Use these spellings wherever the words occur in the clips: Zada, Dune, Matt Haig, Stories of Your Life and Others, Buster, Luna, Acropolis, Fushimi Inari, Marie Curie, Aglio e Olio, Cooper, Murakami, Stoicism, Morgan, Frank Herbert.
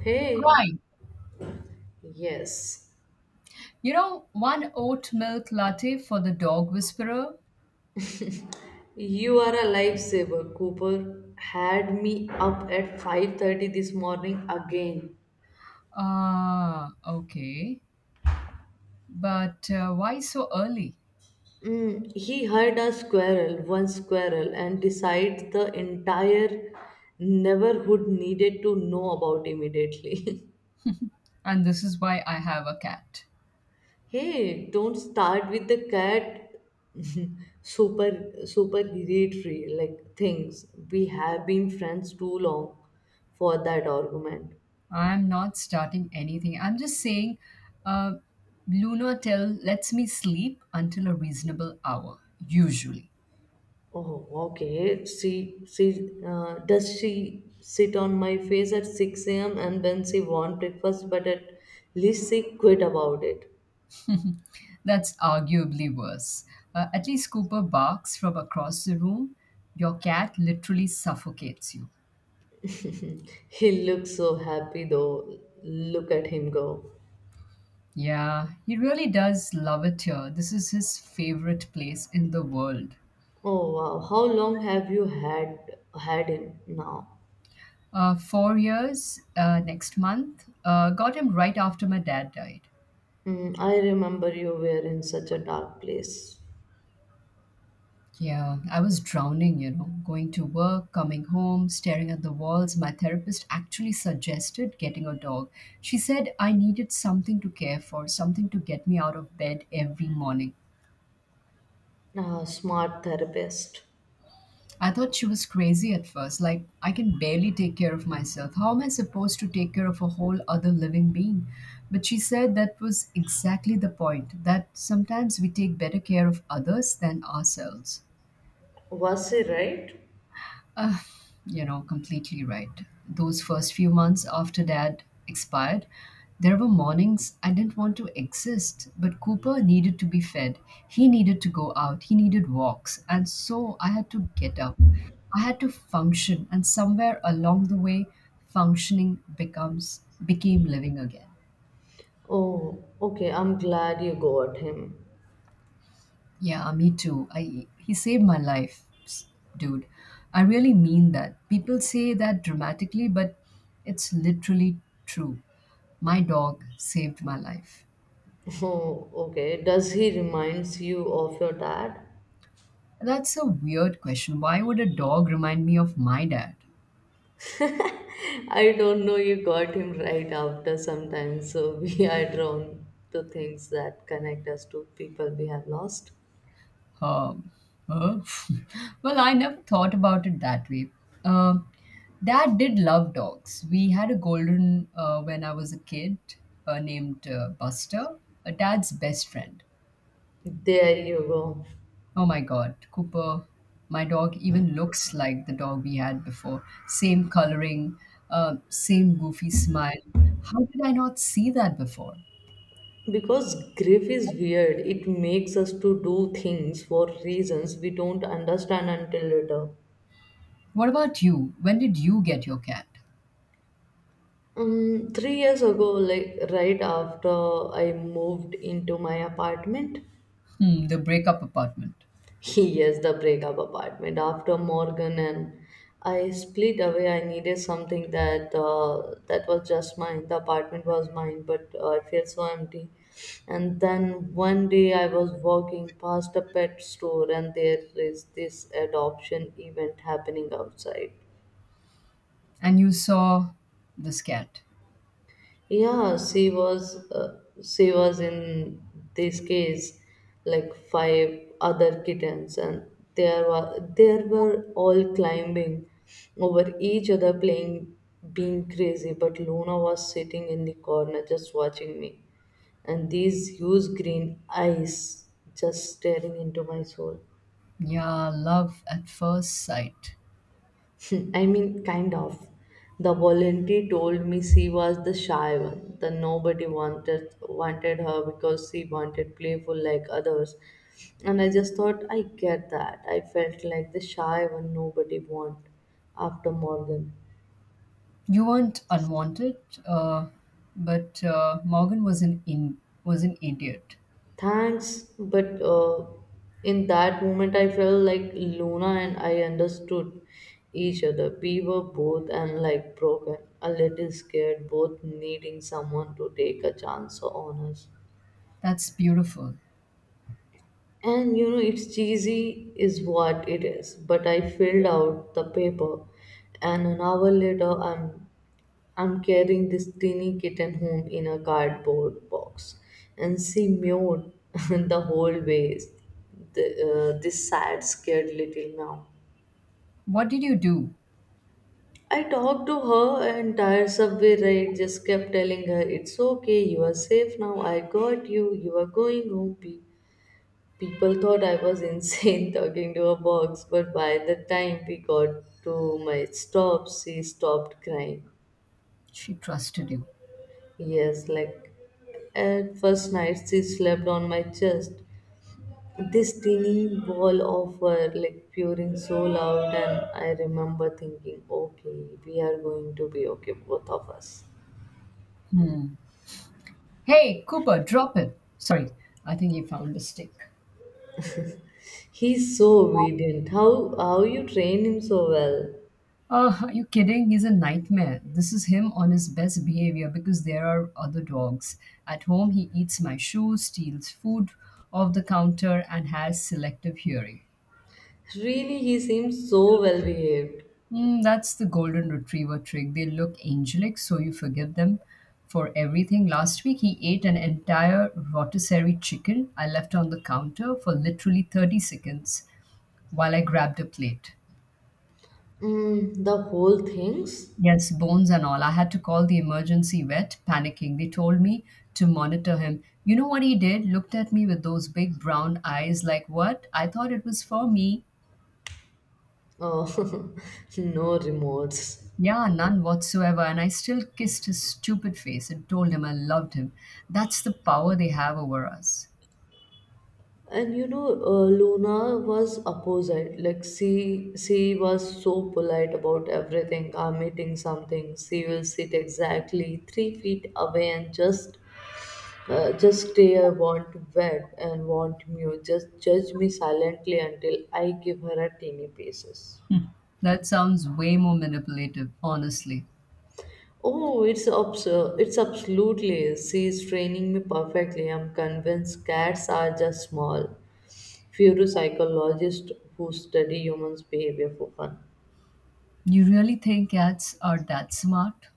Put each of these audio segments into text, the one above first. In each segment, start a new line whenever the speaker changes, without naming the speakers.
Hey,
Right.
yes,
You know, one oat milk latte for the dog whisperer.
you are a lifesaver. Cooper had me up at 5:30 this morning again.
Ah, okay. But why so early?
Mm, he heard a squirrel, one squirrel, and decided the entire neighborhood needed to know about immediately.
And this is why I have a cat.
Hey, don't start with the cat. super supererogatory like things. We have been friends too long for that argument.
I'm not starting anything. I'm just saying, uh, Luna tell lets me sleep until a reasonable hour, usually.
Oh, okay. She, does she sit on my face at 6 a.m. and then she want breakfast, but at least she quit about it.
That's arguably worse. At least Cooper barks from across the room. Your cat literally suffocates you.
He looks so happy though. Look at him go.
Yeah, he really does love it here. This is his favorite place in the world.
Oh wow, how long have you had him now?
4 years next month got him right after my dad died.
Mm, I remember you were in such a dark place.
Yeah, I was drowning, going to work, coming home, staring at the walls. My therapist actually suggested getting a dog. She said I needed something to care for, something to get me out of bed every morning.
Ah, smart therapist.
I thought she was crazy at first. Like, I can barely take care of myself. How am I supposed to take care of a whole other living being? But she said that was exactly the point that sometimes we take better care of others than ourselves.
Was he right?
Uh, completely right. Those first few months after dad expired, there were mornings I didn't want to exist, but Cooper needed to be fed. He needed to go out. He needed walks. And so I had to get up. I had to function. And somewhere along the way, functioning becomes became living again.
Oh, okay. I'm glad you got him.
Yeah, me too. I he saved my life, dude. I really mean that. People say that dramatically, but it's literally true. My dog saved my life.
Oh, okay. Does he reminds you of your dad?
That's a weird question. Why would a dog remind me of my dad?
I don't know. You got him right after sometimes, so we are drawn to things that connect us to people we have lost.
Um, huh? Well, I never thought about it that way. Um, Dad did love dogs. We had a golden when I was a kid named Buster, a Dad's best friend.
There you go.
Oh my God, Cooper, my dog even looks like the dog we had before. Same coloring, same goofy smile. How did I not see that before?
Because grief is weird. It makes us to do things for reasons we don't understand until later.
What about you? When did you get your cat?
3 years ago, like right after I moved into my apartment,
Hmm, the breakup apartment.
yes, the breakup apartment. After Morgan and I split away, I needed something that that was just mine. The apartment was mine, but I felt so empty. And then one day, I was walking past a pet store, and there is this adoption event happening outside.
And you saw this cat.
Yeah, she was in this cage like five other kittens, and there were all climbing over each other, playing, being crazy. But Luna was sitting in the corner, just watching me, and these huge green eyes just staring into my soul.
Yeah, love at first sight.
I mean, kind of. The volunteer told me she was the shy one. The nobody wanted her because she wanted playful like others. And I just thought, I get that. I felt like the shy one nobody want after Morgan.
You weren't unwanted, uh, but Morgan was was an idiot.
Thanks, but in that moment, I felt like Luna and I understood each other. We were both and like broken, a little scared, both needing someone to take a chance on us.
That's beautiful.
And you know, it's cheesy, is what it is. But I filled out the paper, and an hour later, I'm carrying this teeny kitten home in a cardboard box, and she mewed the whole way. This sad, scared little meow.
What did you do?
I talked to her entire subway ride, just kept telling her, "It's okay, you are safe now, I got you, you are going home." People thought I was insane talking to a box, but by the time we got to my stop, she stopped crying.
She trusted you.
Yes, like at first night she slept on my chest. This tiny ball of her like purring so loud and I remember thinking, okay, we are going to be okay, both of us.
Hmm. Hey, Cooper, drop it. Sorry, I think he found a stick.
He's so obedient. How you train him so well.
Are you kidding? He's a nightmare. This is him on his best behavior because there are other dogs. At home, he eats my shoes, steals food off the counter, and has selective hearing.
Really he seems so well behaved.
That's the golden retriever trick. They look angelic, so you forgive them for everything. Last week, he ate an entire rotisserie chicken I left on the counter for literally 30 seconds while I grabbed a plate.
Mm, the whole things?
Yes, bones and all. I had to call the emergency vet, panicking. They told me to monitor him. You know what he did? Looked at me with those big brown eyes, like, what? I thought it was for me.
Oh, no remorse.
Yeah, none whatsoever. And I still kissed his stupid face and told him I loved him. That's the power they have over us.
And you know, Luna was opposite. Like she was so polite about everything. I'm eating something. She will sit exactly 3 feet away and just stare, want wet and want mute. Just judge me silently until I give her a teeny pieces.
That sounds way more manipulative, honestly.
Oh, it's absurd! It's absolutely. She's training me perfectly. I'm convinced cats are just small, few psychologists who study humans' behavior for fun.
You really think cats are that smart?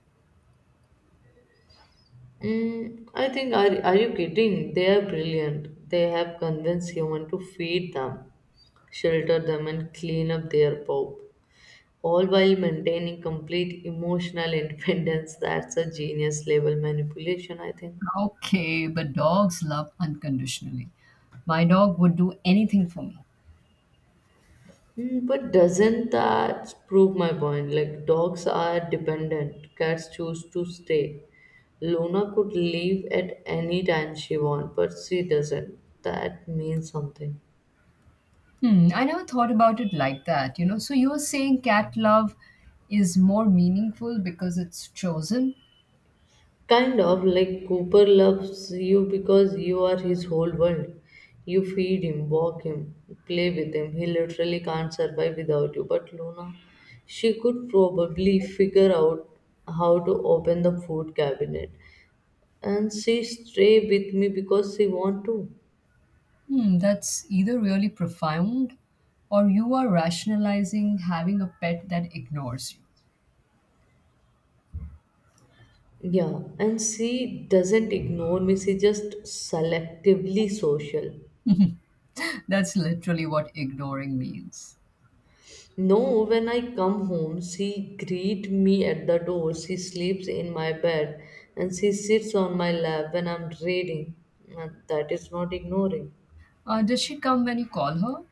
Mm, I think, are you kidding? They are brilliant. They have convinced humans to feed them, shelter them, and clean up their poop, all while maintaining complete emotional independence. That's a genius level manipulation, I think.
Okay, but dogs love unconditionally. My dog would do anything for me.
Mm, but doesn't that prove my point? Like, dogs are dependent, cats choose to stay. Luna could leave at any time she wants, but she doesn't. That means something.
I never thought about it like that. So you're saying cat love is more meaningful because it's chosen?
Kind of like Cooper loves you because you are his whole world. You feed him, walk him, play with him. He literally can't survive without you. But Luna, she could probably figure out how to open the food cabinet. And she stay with me because she want to.
That's either really profound or you are rationalizing having a pet that ignores you.
Yeah, and she doesn't ignore me. She just selectively social.
That's literally what ignoring means.
No, when I come home, she greets me at the door. She sleeps in my bed and she sits on my lap when I'm reading. And that is not ignoring.
Does she come when you call her?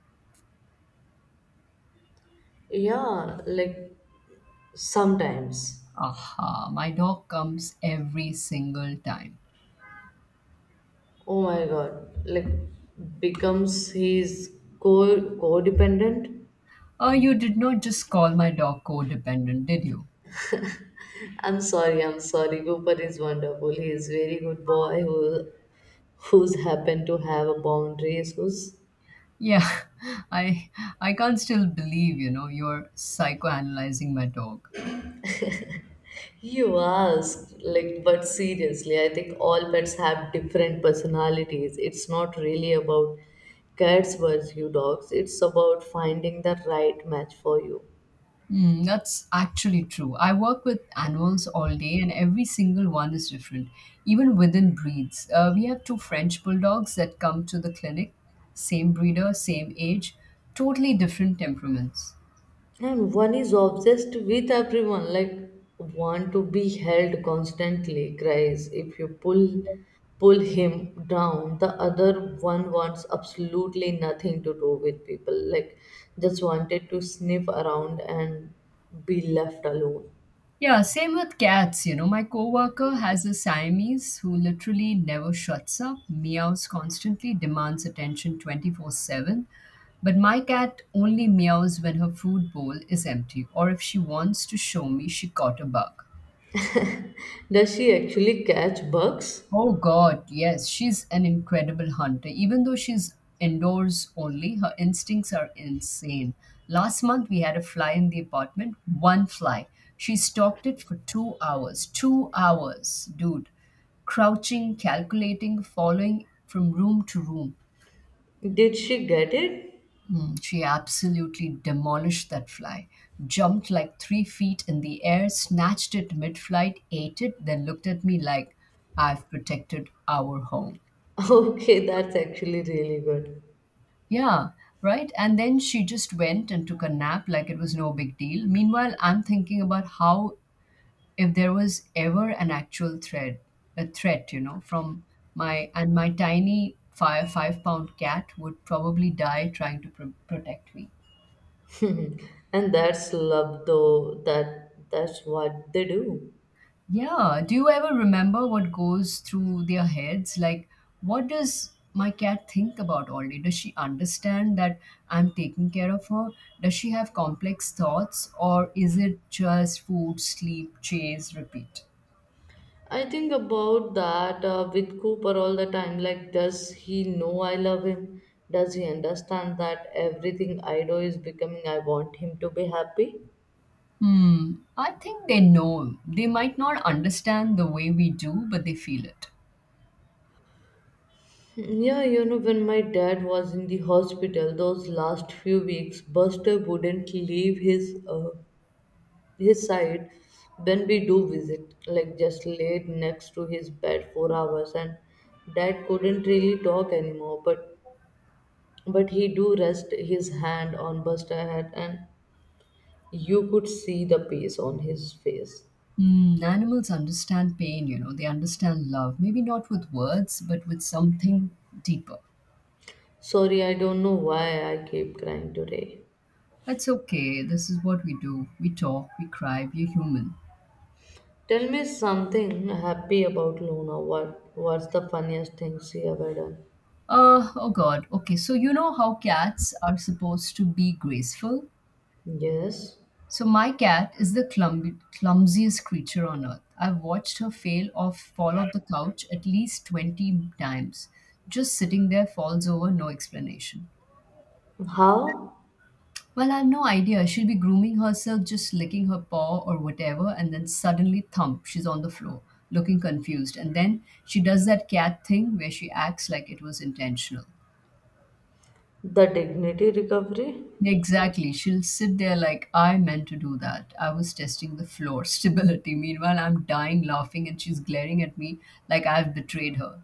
Yeah, like sometimes.
Aha, my dog comes every single time.
Oh my god. Like becomes he's codependent.
You did not just call my dog codependent, did you?
I'm sorry, I'm sorry. Cooper is wonderful. He is very good boy who who's happened to have a boundaries who's.
Yeah, I I can't still believe, you're psychoanalyzing my dog.
You asked, like, but seriously, I think all pets have different personalities. It's not really about cats versus you dogs, it's about finding the right match for you.
That's actually true. I work with animals all day, and every single one is different, even within breeds. We have two French bulldogs that come to the clinic, same breeder, same age, totally different temperaments.
And one is obsessed with everyone, like, want to be held constantly, cries. If you pull him down, the other one wants absolutely nothing to do with people, like, just wanted to sniff around and be left alone.
Yeah, same with cats. You know, my coworker has a Siamese who literally never shuts up, meows constantly, demands attention 24/7. But my cat only meows when her food bowl is empty or if she wants to show me she caught a bug.
Does she actually catch bugs?
Oh God, yes, she's an incredible hunter. Even though she's indoors only, her instincts are insane. Last month we had a fly in the apartment, one fly. She stalked it for 2 hours. 2 hours, dude. Crouching, calculating, following from room to room.
Did she get it?
She absolutely demolished that fly, jumped like 3 feet in the air, snatched it mid flight, ate it, then looked at me like, I've protected our home.
Okay, that's actually really
Yeah, right. And then she just went and took a nap like it was no big deal. Meanwhile, I'm thinking about how if there was ever an actual threat, a threat, you know, from my tiny five five pound cat would probably die trying to protect me.
good. And that's love though. That's what they do.
Yeah. Do you ever remember what goes through their heads? Like, what does my cat think about all day? Does she understand that I'm taking care of her? Does she have complex thoughts, or is it just food, sleep, chase, repeat?
I think about that with Cooper all the time. Like, does he know I love him? Does he understand that everything I do is becoming I want him to be happy?
Hmm. I think they know. They might not understand the way we do, but they feel it.
Hmm, yeah, you know, when my dad was in the hospital those last few weeks, Buster wouldn't leave his his side, when we do visit, like just laid next to his bed for hours, and dad couldn't really talk anymore. But he do rest his hand on Buster head, and you could see the peace on his face.
Hmm. Animals understand pain, they understand love. Maybe not with words, but with something deeper.
Sorry, I don't know why I keep crying today.
It's okay. This is what we do. We talk, we cry, we're human.
Tell me something happy about Luna. What's the funniest thing she ever done?
Oh God. Okay, so you know how cats are supposed to be graceful?
Yes.
So my cat is the clumsiest creature on earth. I've watched her fall off the couch at least 20 times. Just sitting there falls over, no explanation.
How?
Well, I've no idea. She'll be grooming herself, just licking her paw or whatever, and then suddenly thump, she's on the floor, looking confused. And then she does that cat thing where she acts like it was intentional.
The dignity recovery?
Exactly. She'll sit there like, I meant to do that. I was testing the floor stability. Meanwhile, I'm dying laughing and she's glaring at me like I've betrayed her.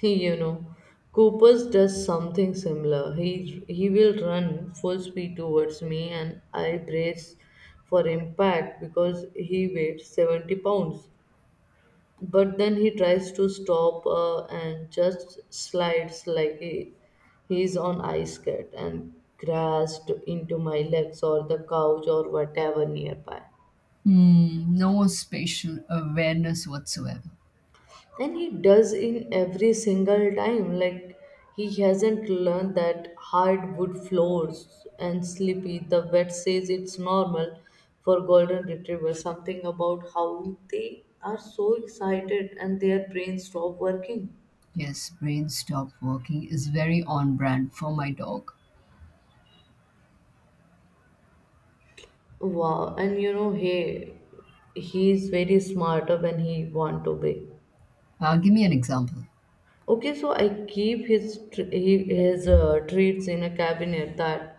He, you know, Cooper's does something similar. He will run full speed towards me, and I brace for impact because he weighs 70 pounds. But then he tries to stop and just slides like he's on ice skate and crashed into my legs or the couch or whatever nearby.
No spatial awareness whatsoever.
And he does in every single time like he hasn't learned that hardwood floors and sleepy. The vet says it's normal for golden retrievers, something about how they are so excited and their brains stop working.
Yes, brain stop working is very on brand for my dog.
Wow. And you know, hey, he is very smarter when he want to be.
Give me an example.
Okay, so I keep his his treats in a cabinet that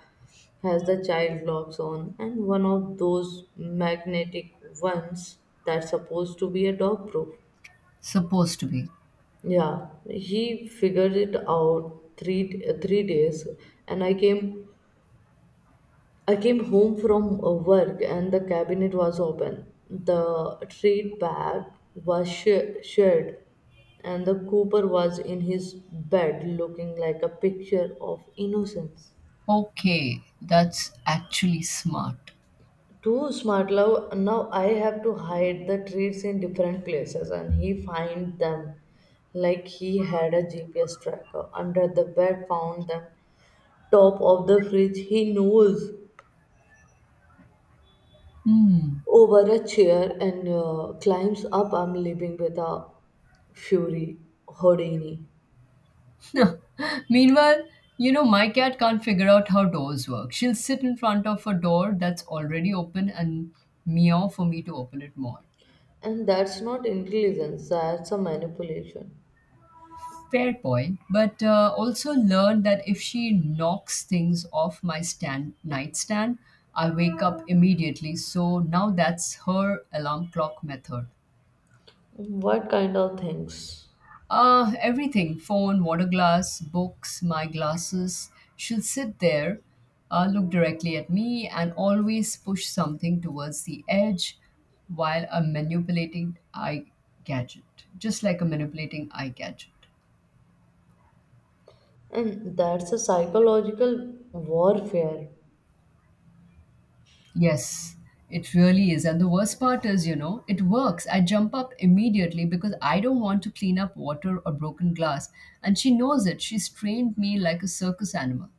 has the child locks on, and one of those magnetic ones that's supposed to be a dog proof.
Supposed to be.
Yeah, he figured it out 3 days, and I came home from work and the cabinet was open. The treat bag was shared, and the cooper was in his bed looking like a picture of innocence.
Okay, that's actually smart.
Too smart love, now I have to hide the treats in different places and he find them like he had a GPS tracker. Under the bed found them, top of the fridge, he knows
Hmm.
over a chair and climbs up. I'm living with a fury, Houdini.
Meanwhile, my cat can't figure out how doors work. She'll sit in front of a door that's already open and meow for me to open it more.
And that's not intelligence, that's a manipulation.
Fair point, but also learned that if she knocks things off my stand nightstand, I wake up immediately. So now that's her alarm clock method.
What kind of things?
Everything phone, water glass, books, my glasses. She'll sit there, look directly at me, and always push something towards the edge while I'm manipulating eye gadget, just like a manipulating eye gadget.
And that's a psychological warfare.
Yes, it really is. And the worst part is, it works. I jump up immediately because I don't want to clean up water or broken glass. And she knows it. She's trained me like a circus animal.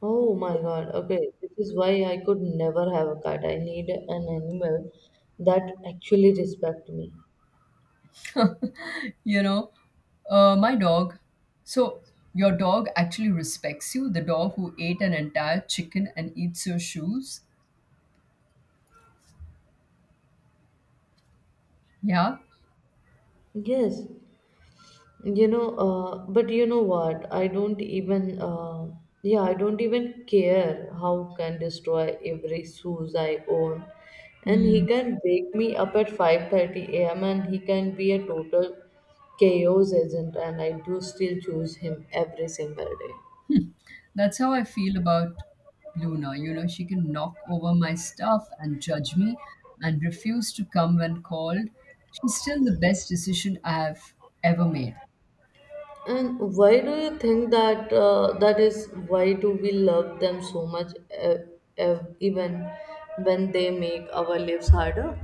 Oh my god, okay. This is why I could never have a cat. I need an animal that actually respect me.
You know my dog so your dog actually respects you, the dog who ate an entire chicken and eats your shoes, yeah.
Yes, you know, but you know what? I don't even care how can destroy every shoes I own. And he
Mm.
can wake me up at 5:30 a.m. and he can be a total chaos agent and I do still choose him every single day.
That's how I feel about Luna. She can knock over my stuff and judge me, and refuse to come when called. She's still the best decision I have ever made.
And why do you think that that is why do we love them so much uh, uh, even when they make our lives harder?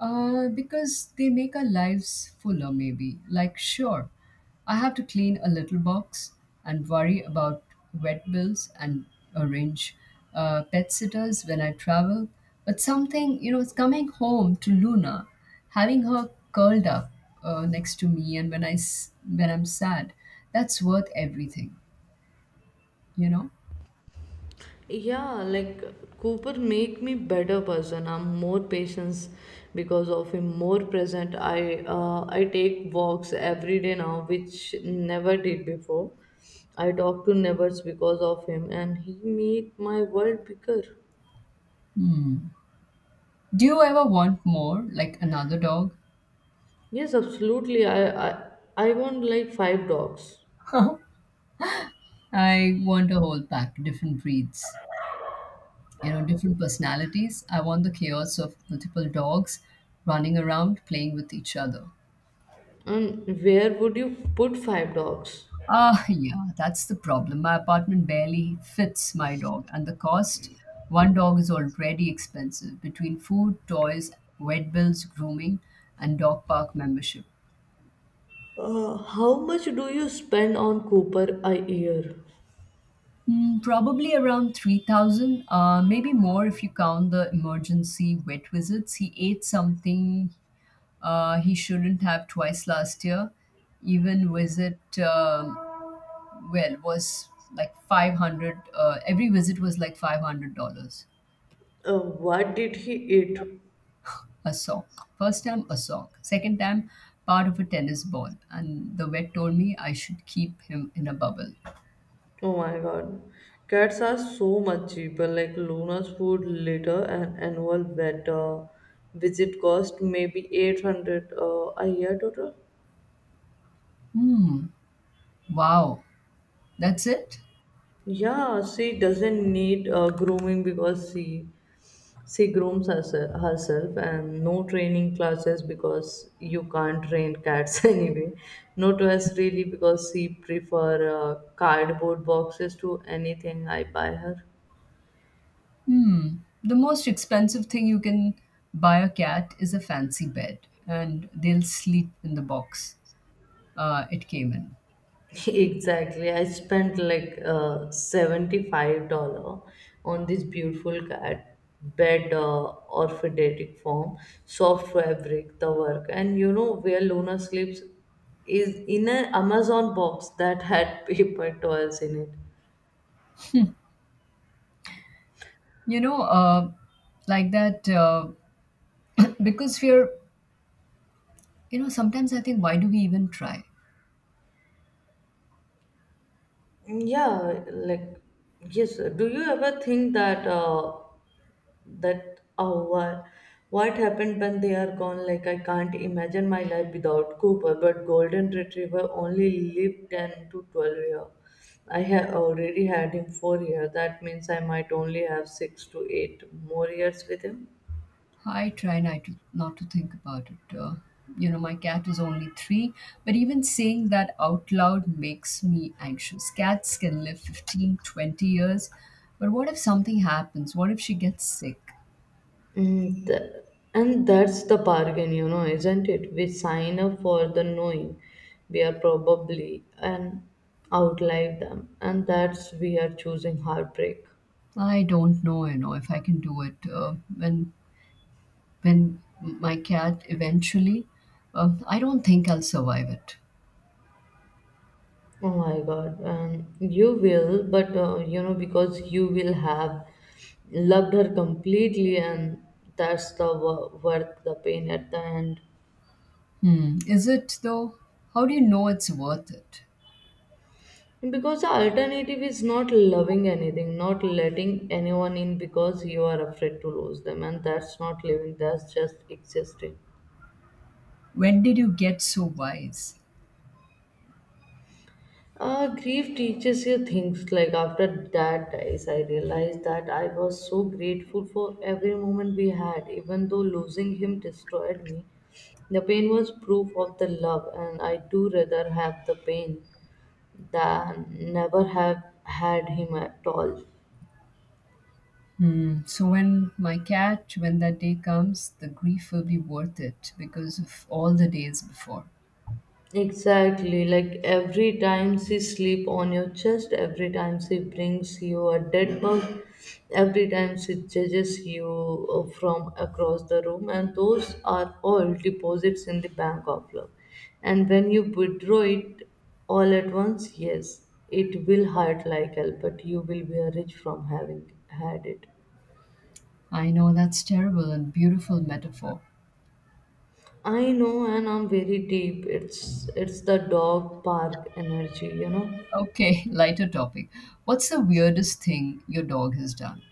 Because they make our lives fuller, maybe. Like, sure, I have to clean a little box and worry about vet bills and arrange pet sitters when I travel. But something, it's coming home to Luna, having her curled up next to me, and when I'm sad, that's worth everything, you know.
Yeah, like Cooper make me better person. I'm more patience because of him, more present. I take walks every day now, which never did before. I talk to neighbors because of him, and he made my world bigger.
Hmm. Do you ever want more, like another dog?
Yes, absolutely. I want like five dogs.
I want a whole pack, different breeds. Different personalities, I want the chaos of multiple dogs running around playing with each other.
And where would you put five dogs?
Ah, yeah, that's the problem. My apartment barely fits my dog. And the cost, one dog is already expensive between food, toys, vet bills, grooming, and dog park membership.
How much do you spend on Cooper a year?
Probably around 3,000, maybe more if you count the emergency vet visits he ate something he shouldn't have, twice last year. Even visit, well, was like 500. Every visit was like $500.
Uh, what did he eat?
A sock. First time, a sock. Second time, part of a tennis ball. And the vet told me I should keep him in a bubble.
Oh my god. Cats are so much cheaper, like Luna's food litter and annual vet visit cost maybe 800 a year total.
Hmm, wow. That's it?
Yeah, she doesn't need grooming because she grooms herself and no training classes because you can't train cats anyway. No dress really because she prefer cardboard boxes to anything I buy her.
Hmm. The most expensive thing you can buy a cat is a fancy bed, and they'll sleep in the box it came in.
Exactly. I spent like $75 on this beautiful cat bed orthodetic form, soft fabric, the work. And you know where Luna sleeps is in an Amazon box that had paper towels in it.
you know uh, like that, because we're you know sometimes I think, why do we even try?
Mm, yeah, like yes. Do you ever think that that oh what, happened when they are gone? Like I can't imagine my life without Cooper, but golden retriever only lived 10 to 12 year. I have already had him 4 year. That means I might only have 6 to 8 more years with him.
I try not to think about it, my cat is only 3. But even saying that out loud makes me anxious. Cats can live 15, 20 years. But what if something happens? What if she gets sick?
Mm, th- and that's the bargain, you know, isn't it? We sign up for the knowing we are probably and outlive them, and that's we are choosing heartbreak.
I don't know, if I can do it, when my cat eventually, I don't think I'll survive it.
Oh my God. You will, but you know, because you will have loved her completely, and that's the worth the pain at the end.
Hmm. Is it though? How do you know it's worth it?
Because the alternative is not loving anything, not letting anyone in because you are afraid to lose them, and that's not living, that's just existing.
When did you get so wise?
Grief teaches you things like after that dies, I realized that I was so grateful for every moment we had, even though losing him destroyed me. The pain was proof of the love, and I do rather have the pain than never have had him at all.
Hmm. So when that day comes, the grief will be worth it because of all the days before.
Exactly, like every time she sleep on your chest, every time she brings you a dead bug, every time she judges you from across the room, and those are all deposits in the bank of love. And when you withdraw it all at once, yes, it will hurt like hell, but you will be a rich from having had it.
I know that's terrible and beautiful metaphor.
I know, and I'm very deep. It's the dog park energy, you know.
Okay, lighter topic. What's the weirdest thing your dog has done?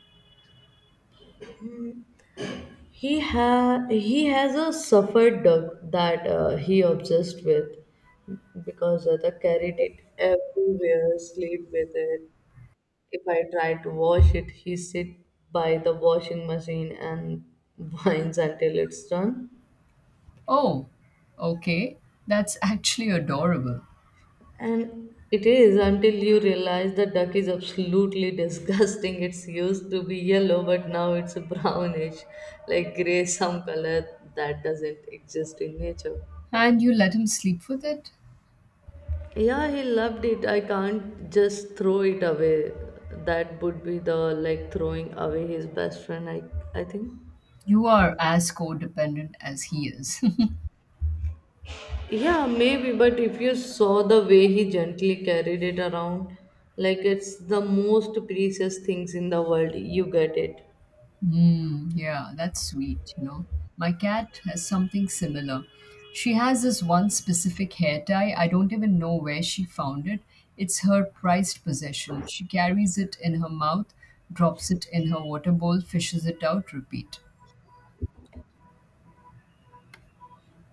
He has a suffered duck that he obsessed with because Zada carried it everywhere, sleep with it. If I try to wash it, he sit by the washing machine and whines until it's done.
Oh, okay. That's actually adorable.
And it is until you realize the duck is absolutely disgusting. It's used to be yellow, but now it's brownish, like gray, some color that doesn't exist in nature.
And you let him sleep with it?
Yeah, he loved it. I can't just throw it away. That would be the like throwing away his best friend, I think.
You are as codependent as he is.
Yeah, maybe, but if you saw the way he gently carried it around, like it's the most precious things in the world, you get it.
Mm, yeah, that's sweet. My cat has something similar. She has this one specific hair tie. I don't even know where she found it. It's her prized possession. She carries it in her mouth, drops it in her water bowl, fishes it out, repeat.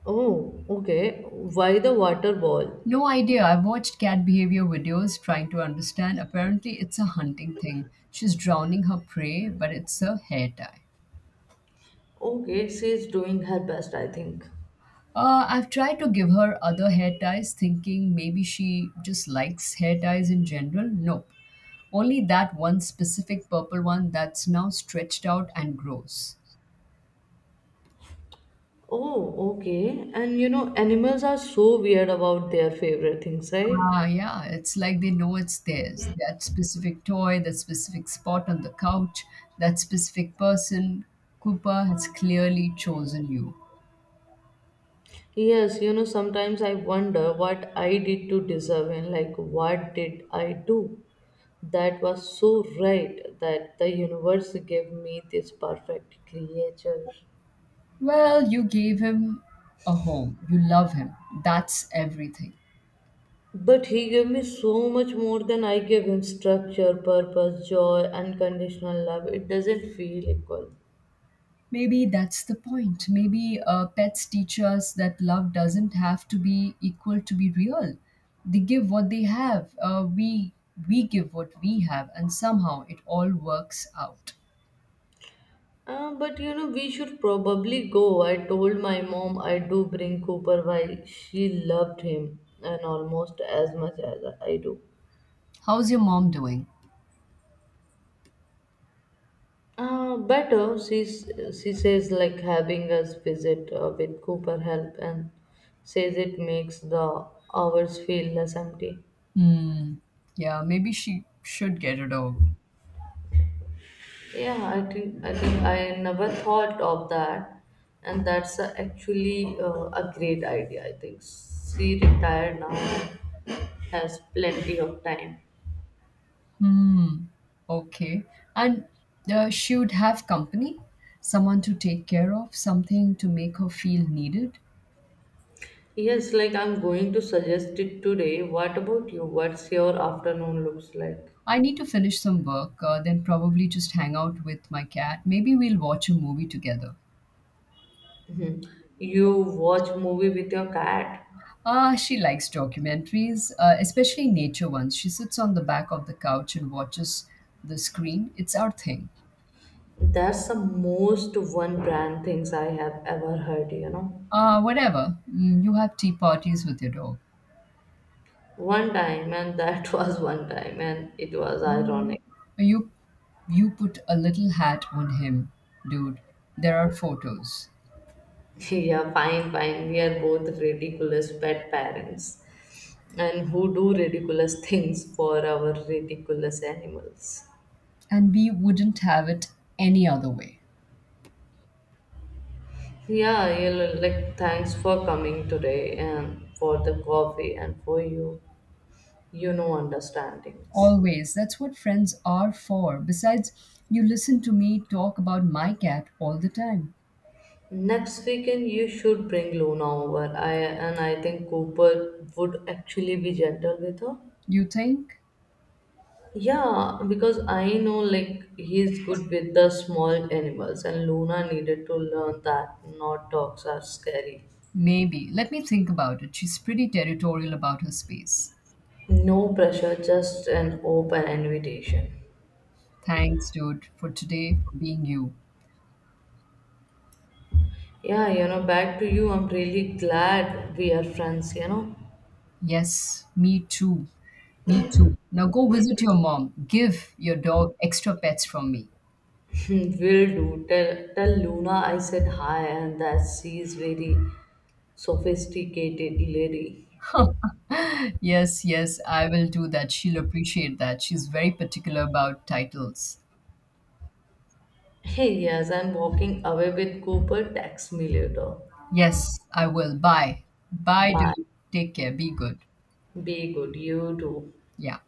Oh, okay. Why the water ball?
No idea. I've watched cat behavior videos trying to understand. Apparently, it's a hunting thing. She's drowning her prey, but it's a hair tie.
Okay, she's doing her best, I think.
I've tried to give her other hair ties, thinking maybe she just likes hair ties in general. Nope. Only that one specific purple one that's now stretched out and grows.
Oh, okay. And you know, animals are so weird about their favorite things, right?
Ah, yeah. It's like they know it's theirs. That specific toy, that specific spot on the couch, that specific person. Cooper has clearly chosen you.
Yes, you know, sometimes I wonder what I did to deserve it. Like what did I do that was so right that the universe gave me this perfect creature.
Well, you gave him a home. You love him. That's everything.
But he gave me so much more than I gave him structure, purpose, joy, unconditional love. It doesn't feel equal.
Maybe that's the point. Maybe pets teach us that love doesn't have to be equal to be real. They give what they have. We give what we have, and somehow it all works out.
But you know, we should probably go. I told my mom I do bring Cooper while she loved him and almost as much as I do.
How's your mom doing?
Better, she says, like having us visit with Cooper help and says it makes the hours feel less empty.
Hmm. Yeah, maybe she should get a dog.
Yeah, I think I never thought of that, and that's actually a great idea. I think she retired now and has plenty of time.
Hmm. Okay. And she would have company, someone to take care of, something to make her feel needed.
Yes, like I'm going to suggest it today. What about you? What's your afternoon looks like?
I need to finish some work, then probably just hang out with my cat. Maybe we'll watch a movie together.
Mhm. You watch movie with your cat?
Ah, she likes documentaries, especially nature ones. She sits on the back of the couch and watches the screen. It's our thing.
That's the most one brand things I have ever heard, you know.
Ah, whatever. Mm, You, have tea parties with your dog.
One time, and that was one time, and it was
Mm,
ironic.
You, you put a little hat on him, dude. There are photos,
Yeah, fine, fine. We are both ridiculous pet parents, and who do ridiculous things for our ridiculous animals.
and we wouldn't have it any other way.
Yeah, you know, like thanks for coming today and for the coffee and for you, you know, understandings.
Always. That's what friends are for. Besides, you listen to me talk about my cat all the time.
Next weekend, you should bring Luna over. I think Cooper would actually be gentle with her.
You think?
Yeah, because I know like he's good with the small animals, and Luna needed to learn that not dogs are scary.
Maybe. Let me think about it. She's pretty territorial about her space.
No pressure, just an open invitation.
Thanks, dude, for today, for being you.
Yeah, you know, back to you. I'm really glad we are friends, you know.
Yes, me too. Me too. Now go visit your mom. Give your dog extra pets from me.
Will do. Tell Luna I said hi and that she's very sophisticated lady.
Yes, yes, I will do that. She'll appreciate that. She's very particular about titles.
Hey, yes, I'm walking away with Cooper. Text me later.
Yes, I will. Bye. Bye. Do
Bye.
you take care. Be good.
Be good. You too.
Yeah.